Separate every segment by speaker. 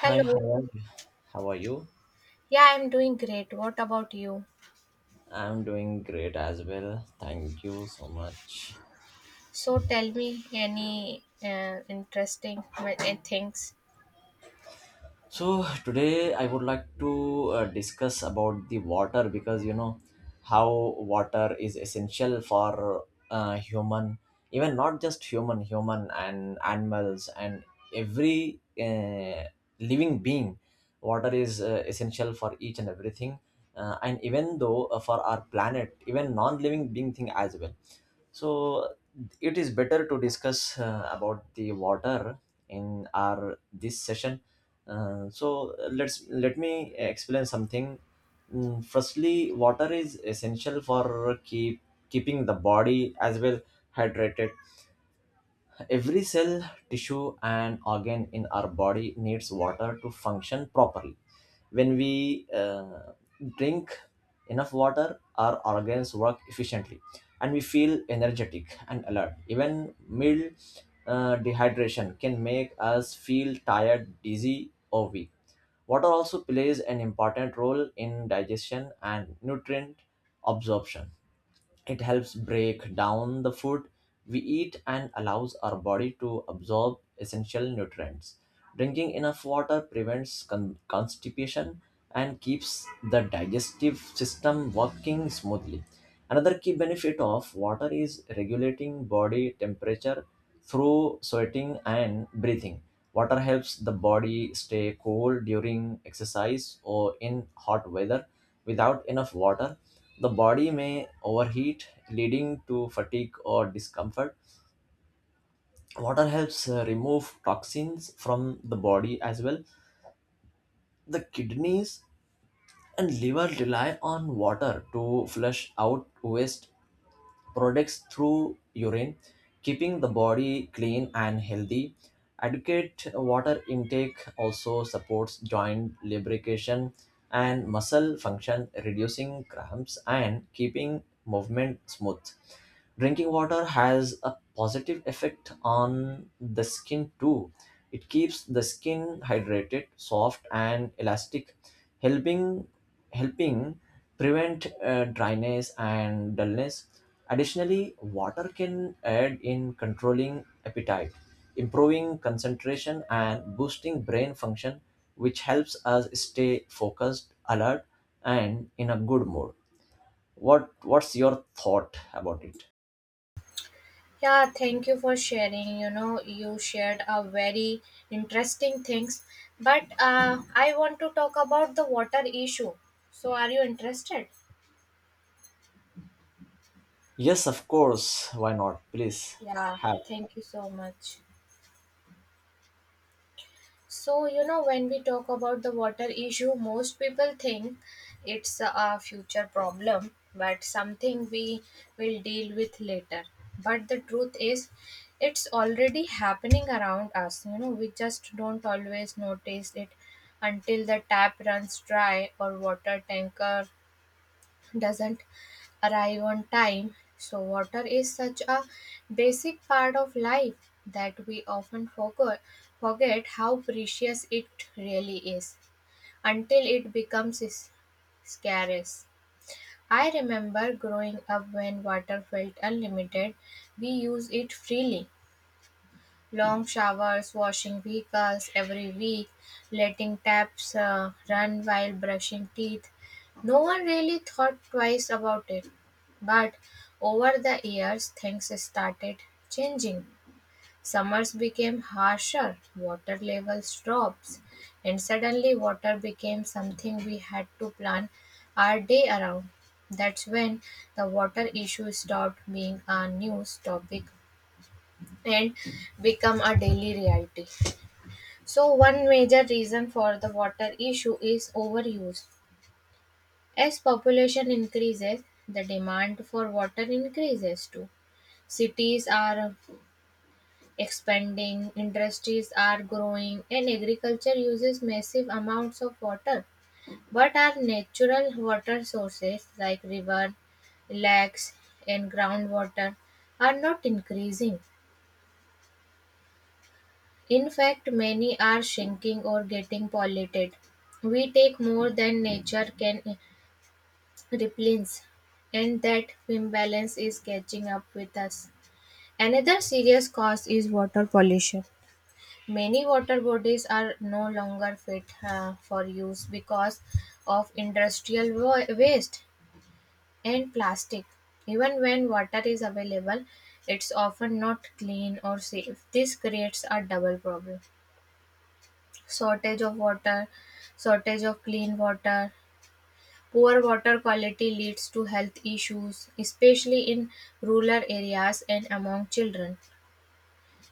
Speaker 1: Hi, how are you? How are you?
Speaker 2: Yeah, I'm doing great. What about you?
Speaker 1: I'm doing great as well. Thank you so much.
Speaker 2: So tell me any interesting things.
Speaker 1: So today I would like to discuss about the water because you know how water is essential for human, even not just human, human and animals and every living being. Water is essential for each and everything, and even though for our planet, even non-living being thing as well. So it is better to discuss about the water in our this session. Let me explain something. Firstly, water is essential for keeping the body as well hydrated. Every cell, tissue, and organ in our body needs water to function properly when we drink enough water. Our organs work efficiently and we feel energetic and alert. Even mild dehydration can make us feel tired, dizzy, or weak. Water also plays an important role in digestion and nutrient absorption. It helps break down the food we eat and allows our body to absorb essential nutrients. Drinking enough water prevents constipation and keeps the digestive system working smoothly. Another key benefit of water is regulating body temperature through sweating and breathing. Water helps the body stay cool during exercise or in hot weather. Without enough water, the body may overheat, leading to fatigue or discomfort. Water helps remove toxins from the body as well. The kidneys and liver rely on water to flush out waste products through urine, keeping the body clean and healthy. Adequate water intake also supports joint lubrication and muscle function, reducing cramps and keeping movement smooth. Drinking water has a positive effect on the skin too. It keeps the skin hydrated, soft, and elastic, helping helping prevent dryness and dullness. Additionally, water can aid in controlling appetite, improving concentration, and boosting brain function, which helps us stay focused, alert, and in a good mood. What's your thought about it?
Speaker 2: Yeah, thank you for sharing. You know, you shared a very interesting things, but I want to talk about the water issue. So are you interested?
Speaker 1: Yes, of course. Why not? Please
Speaker 2: Yeah,
Speaker 1: have.
Speaker 2: thank you so much. So, you know, when we talk about the water issue, most people think it's a future problem, but something we will deal with later. But the truth is, it's already happening around us. You know, we just don't always notice it until the tap runs dry or water tanker doesn't arrive on time. So, water is such a basic part of life that we often forget how precious it really is until it becomes scarce. I remember growing up when water felt unlimited, we used it freely long showers, washing vehicles every week, letting taps run while brushing teeth. No one really thought twice about it. But over the years, things started changing. Summers became harsher, water levels dropped, and suddenly water became something we had to plan our day around. That's when the water issue stopped being a news topic and become a daily reality. So, one major reason for the water issue is overuse. As population increases, the demand for water increases too. Cities are expanding, industries are growing, and agriculture uses massive amounts of water. But our natural water sources like river, lakes, and groundwater are not increasing. In fact, many are shrinking or getting polluted. We take more than nature can replenish, and that imbalance is catching up with us. Another serious cause is water pollution. Many water bodies are no longer fit for use because of industrial waste and plastic. Even when water is available, it's often not clean or safe. This creates a double problem. Shortage of water, shortage of clean water. Poor water quality leads to health issues, especially in rural areas and among children.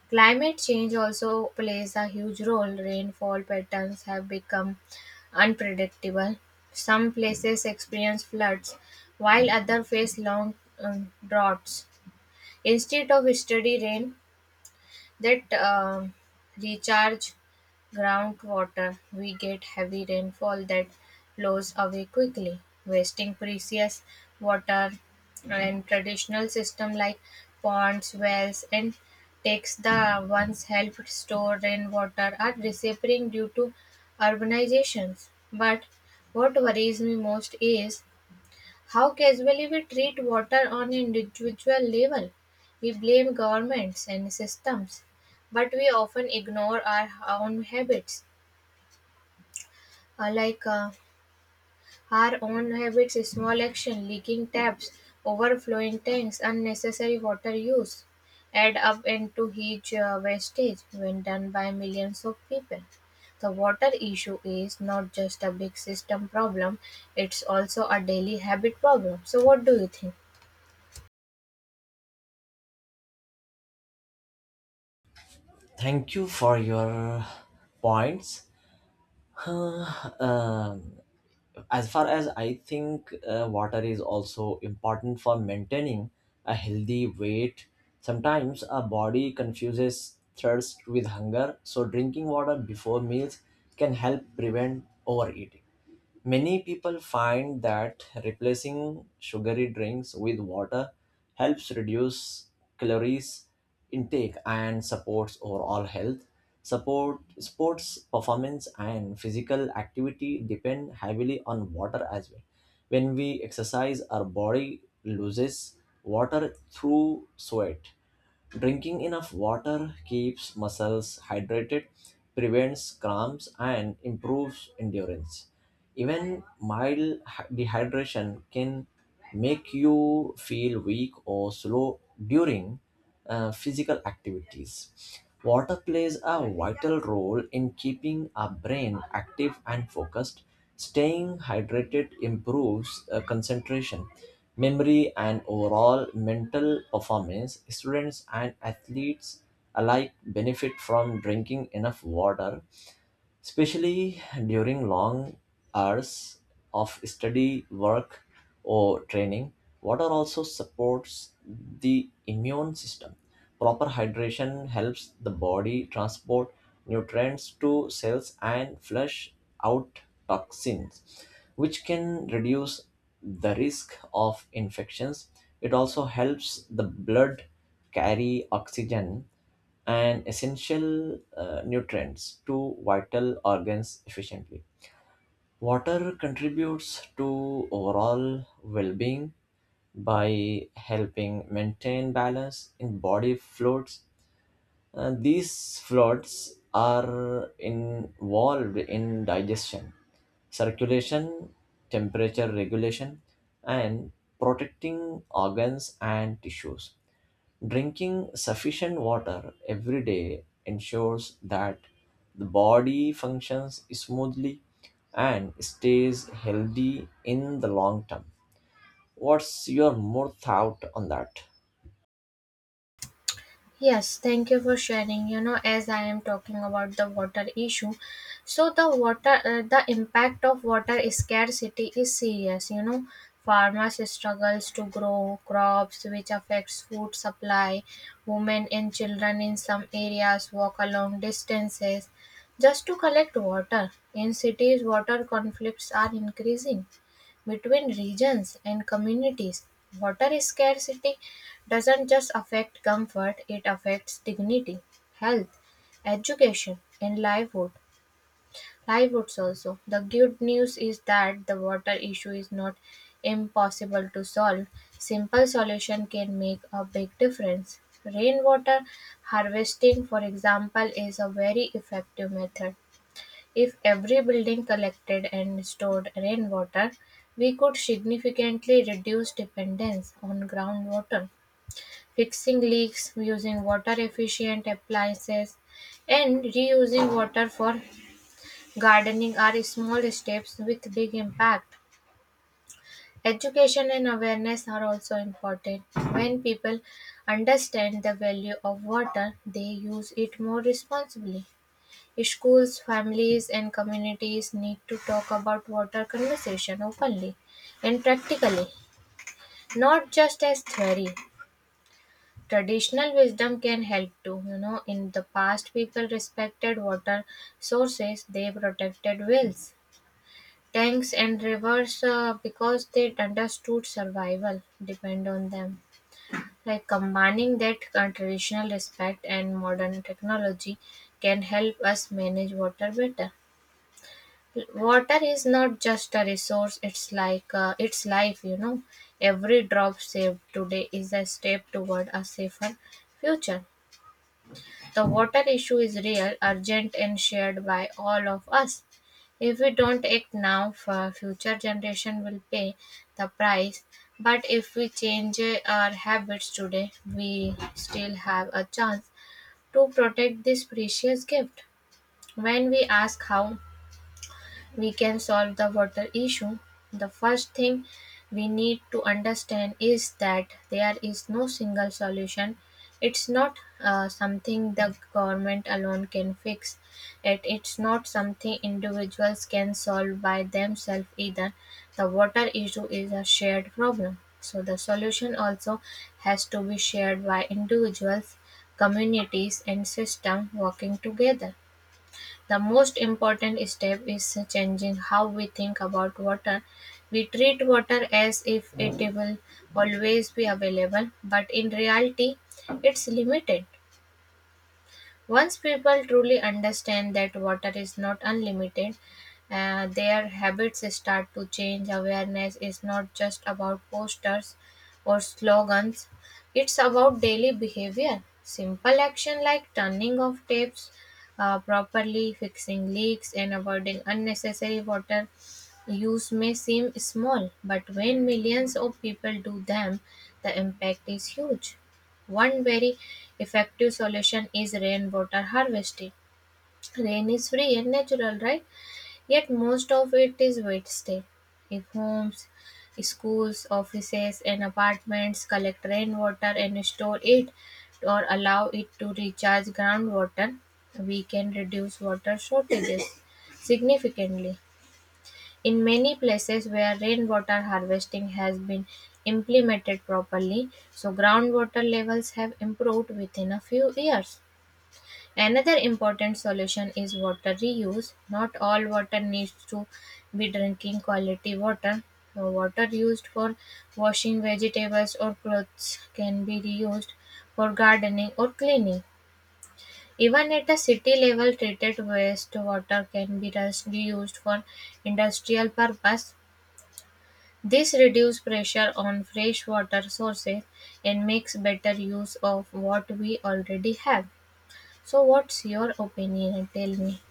Speaker 2: Climate change also plays a huge role. Rainfall patterns have become unpredictable. Some places experience floods, while others face long droughts. Instead of steady rain, that recharge groundwater. We get heavy rainfall that blows away quickly, wasting precious water and traditional system like ponds, wells and takes the once helped store rainwater are disappearing due to urbanizations. But what worries me most is how casually we treat water on individual level. We blame governments and systems, but we often ignore our own habits. Uh, like uh, our own habits, small action, leaking taps, overflowing tanks, unnecessary water use add up into huge wastage when done by millions of people. The water issue is not just a big system problem, it's also a daily habit problem. So, what do you think?
Speaker 1: Thank you for your points. Um, as far as I think, water is also important for maintaining a healthy weight. Sometimes our body confuses thirst with hunger, so drinking water before meals can help prevent overeating. Many people find that replacing sugary drinks with water helps reduce calories intake and supports overall health. Support sports performance and physical activity depend heavily on water as well. When we exercise, our body loses water through sweat. Drinking enough water keeps muscles hydrated, prevents cramps, and improves endurance. Even dehydration can make you feel weak or slow during physical activities. Water plays a vital role in keeping our brain active and focused. Staying hydrated improves concentration, memory, and overall mental performance. Students and athletes alike benefit from drinking enough water, especially during long hours of study, work, or training. Water also supports the immune system. Proper hydration helps the body transport nutrients to cells and flush out toxins, which can reduce the risk of infections. It also helps the blood carry oxygen and essential nutrients to vital organs efficiently. Water contributes to overall well being by helping maintain balance in body fluids. These fluids are involved in digestion, circulation, temperature regulation, and protecting organs and tissues. Drinking sufficient water every day ensures that the body functions smoothly and stays healthy in the long term. What's your more thought on that?
Speaker 2: Yes, thank you for sharing. You know, as I am talking about the water issue, so the water, the impact of water scarcity is serious. You know, farmers struggles to grow crops, which affects food supply. Women and children in some areas walk a long distances just to collect water. In cities, water conflicts are increasing between regions and communities, water scarcity doesn't just affect comfort, it affects dignity, health, education, and livelihood. Livelihoods also. The good news is that the water issue is not impossible to solve. Simple solution can make a big difference. Rainwater harvesting, for example, is a very effective method. If every building collected and stored rainwater, we could significantly reduce dependence on groundwater. Fixing leaks, using water efficient appliances, and reusing water for gardening are small steps with big impact. Education and awareness are also important. When people understand the value of water, they use it more responsibly. Schools, families and communities need to talk about water conservation openly and practically, not just as theory. Traditional wisdom can help too. You know, in the past, people respected water sources, they protected wells, tanks, and rivers because they understood survival depend on them. Like combining that traditional respect and modern technology can help us manage water better. Water is not just a resource, it's like it's life, you know. Every drop saved today is a step toward a safer future. The water issue is real, urgent, and shared by all of us. If we don't act now, for future generation will pay the price. But if we change our habits today, we still have a chance to protect this precious gift. When we ask how we can solve the water issue, the first thing we need to understand is that there is no single solution. It's not something the government alone can fix. It's not something individuals can solve by themselves either. The water issue is a shared problem. So the solution also has to be shared by individuals, communities, and system working together. The most important step is changing how we think about water. We treat water as if it will always be available, but in reality, it's limited. Once people truly understand that water is not unlimited, their habits start to change. Awareness is not just about posters or slogans, it's about daily behavior. Simple action like turning off taps properly, fixing leaks, and avoiding unnecessary water use may seem small, but when millions of people do them, the impact is huge. One very effective solution is rainwater harvesting. Rain is free and natural, right? Yet most of it is wasted. If homes, schools, offices, and apartments collect rainwater and store it or allow it to recharge groundwater, we can reduce water shortages significantly. In many places where rainwater harvesting has been implemented properly, so groundwater levels have improved within a few years. Another important solution is water reuse. Not all water needs to be drinking quality water. So water used for washing vegetables or clothes can be reused for gardening or cleaning. Even at a city level, treated wastewater can be reused for industrial purpose. This reduces pressure on freshwater sources and makes better use of what we already have. So, what's your opinion? Tell me.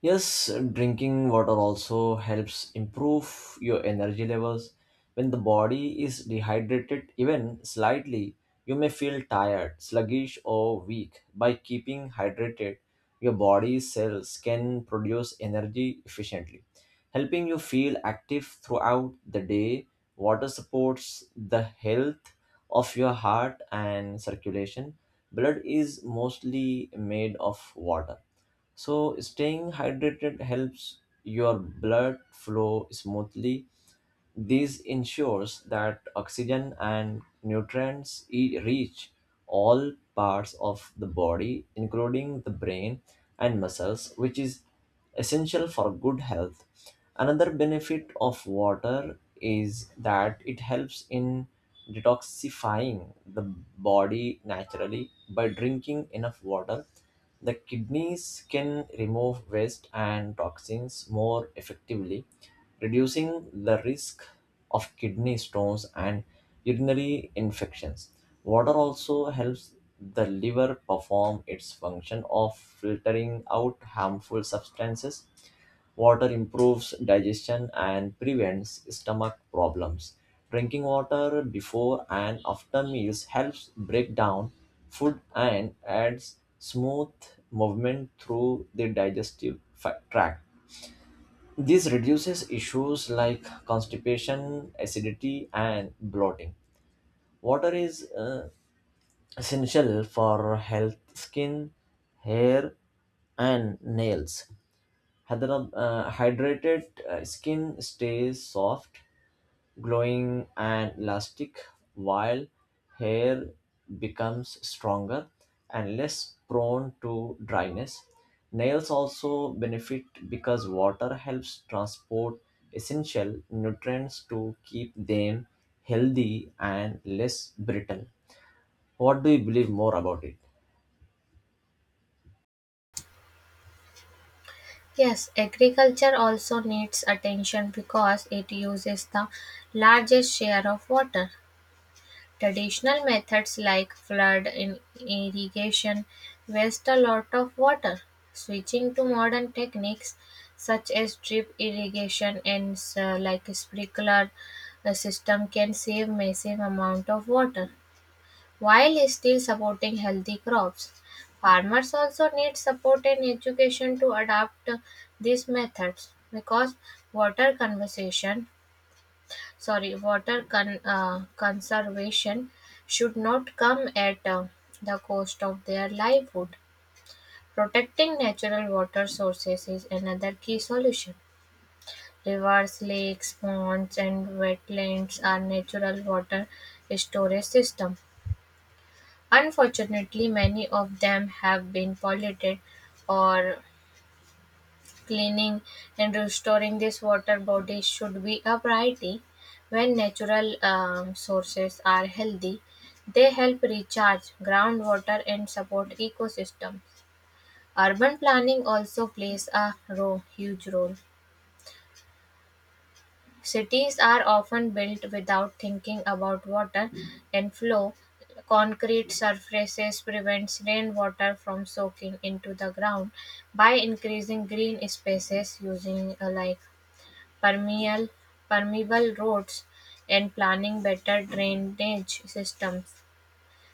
Speaker 1: Yes, drinking water also helps improve your energy levels. When the body is dehydrated, even slightly, you may feel tired, sluggish, or weak. By keeping hydrated, your body cells can produce energy efficiently, helping you feel active throughout the day. Water supports the health of your heart and circulation. Blood is mostly made of water, so staying hydrated helps your blood flow smoothly. This ensures that oxygen and nutrients reach all parts of the body, including the brain and muscles, which is essential for good health. Another benefit of water is that it helps in detoxifying the body naturally by drinking enough water. The kidneys can remove waste and toxins more effectively, reducing the risk of kidney stones and urinary infections. Water also helps the liver perform its function of filtering out harmful substances. Water improves digestion and prevents stomach problems. Drinking water before and after meals helps break down food and adds smooth movement through the tract. This reduces issues like constipation, acidity, and bloating. Water is essential for health, skin, hair, and nails. Hydrated skin stays soft, glowing and elastic, while hair becomes stronger and less prone to dryness. Nails also benefit because water helps transport essential nutrients to keep them healthy and less brittle. What do you believe more about it?
Speaker 2: Yes, agriculture also needs attention because it uses the largest share of water. Traditional methods like flood in irrigation waste a lot of water. Switching to modern techniques such as drip irrigation and sprinkler system can save massive amount of water while still supporting healthy crops. Farmers also need support and education to adapt these methods because water conservation sorry water conservation should not come at the cost of their livelihood protecting natural water sources is another key solution rivers lakes ponds and wetlands are natural water storage systems unfortunately many of them have been polluted or cleaning and restoring these water bodies should be a priority. When natural sources are healthy, they help recharge groundwater and support ecosystems. Urban planning also plays a huge role. Cities are often built without thinking about water and flow. Concrete surfaces prevents rainwater from soaking into the ground by increasing green spaces using permeable permeable roads, and planning better drainage systems.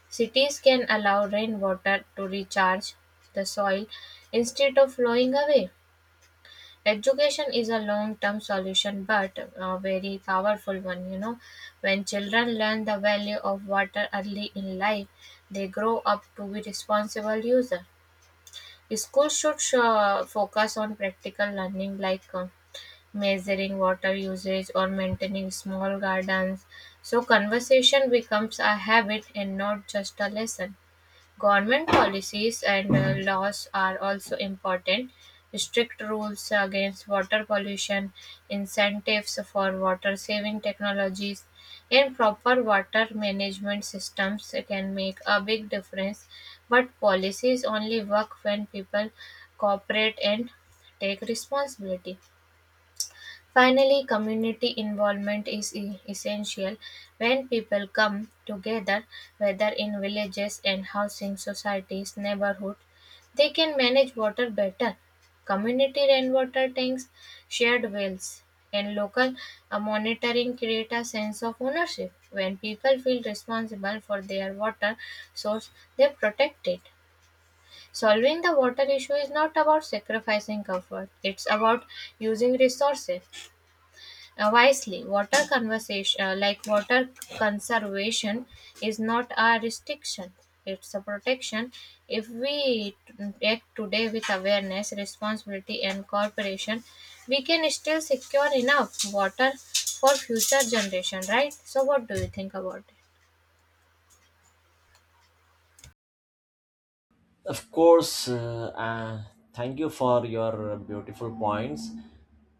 Speaker 2: Cities can allow rainwater to recharge the soil instead of flowing away. Education is a long term solution but a very powerful one. You know, when children learn the value of water early in life, they grow up to be responsible users. Schools should focus on practical learning like measuring water usage or maintaining small gardens. So, conversation becomes a habit and not just a lesson. Government policies and laws are also important. Strict rules against water pollution, incentives for water saving technologies, and proper water management systems can make a big difference. But policies only work when people cooperate and take responsibility. Finally, community involvement is essential. When people come together, whether in villages and housing societies, neighborhoods, they can manage water better. Community rainwater tanks, shared wells, and local monitoring create a sense of ownership. When people feel responsible for their water source, they protect it. Solving the water issue is not about sacrificing comfort, it's about using resources wisely. Water conversation, water conservation, is not a restriction; it's a protection. If we act today with awareness, responsibility, and cooperation, we can still secure enough water for future generation. Right? So, what do you think about it?
Speaker 1: Of course, thank you for your beautiful points.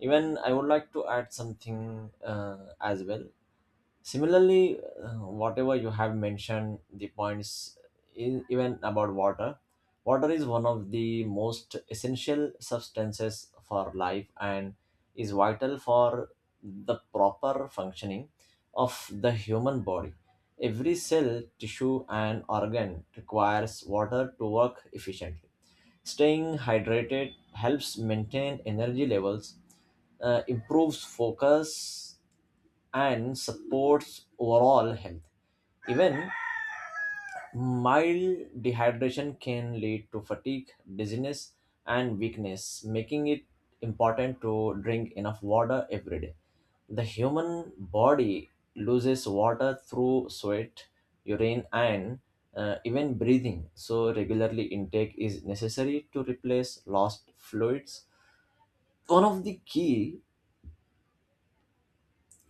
Speaker 1: Even I would like to add something as well. Similarly, whatever you have mentioned, the points in, even about water, water is one of the most essential substances for life and is vital for the proper functioning of the human body. Every cell, tissue, and organ requires water to work efficiently. Staying hydrated helps maintain energy levels, improves focus, and supports overall health. Even mild dehydration can lead to fatigue, dizziness, and weakness, making it important to drink enough water every day. The human body loses water through sweat, urine, and even breathing, so regularly intake is necessary to replace lost fluids. One of the key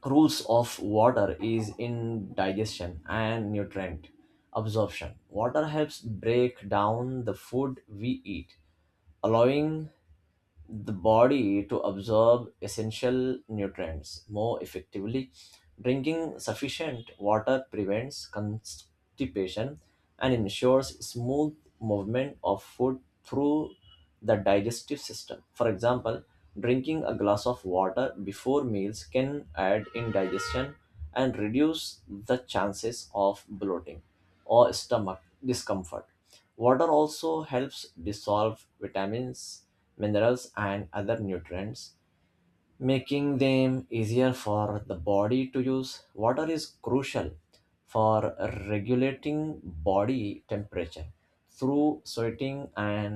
Speaker 1: rules of water is in digestion and nutrient absorption. Water helps break down the food we eat, allowing the body to absorb essential nutrients more effectively. Drinking sufficient water prevents constipation and ensures smooth movement of food through the digestive system. For example, drinking a glass of water before meals can aid in digestion and reduce the chances of bloating or stomach discomfort. Water also helps dissolve vitamins, minerals, and other nutrients, making them easier for the body to use. Water is crucial for regulating body temperature through sweating and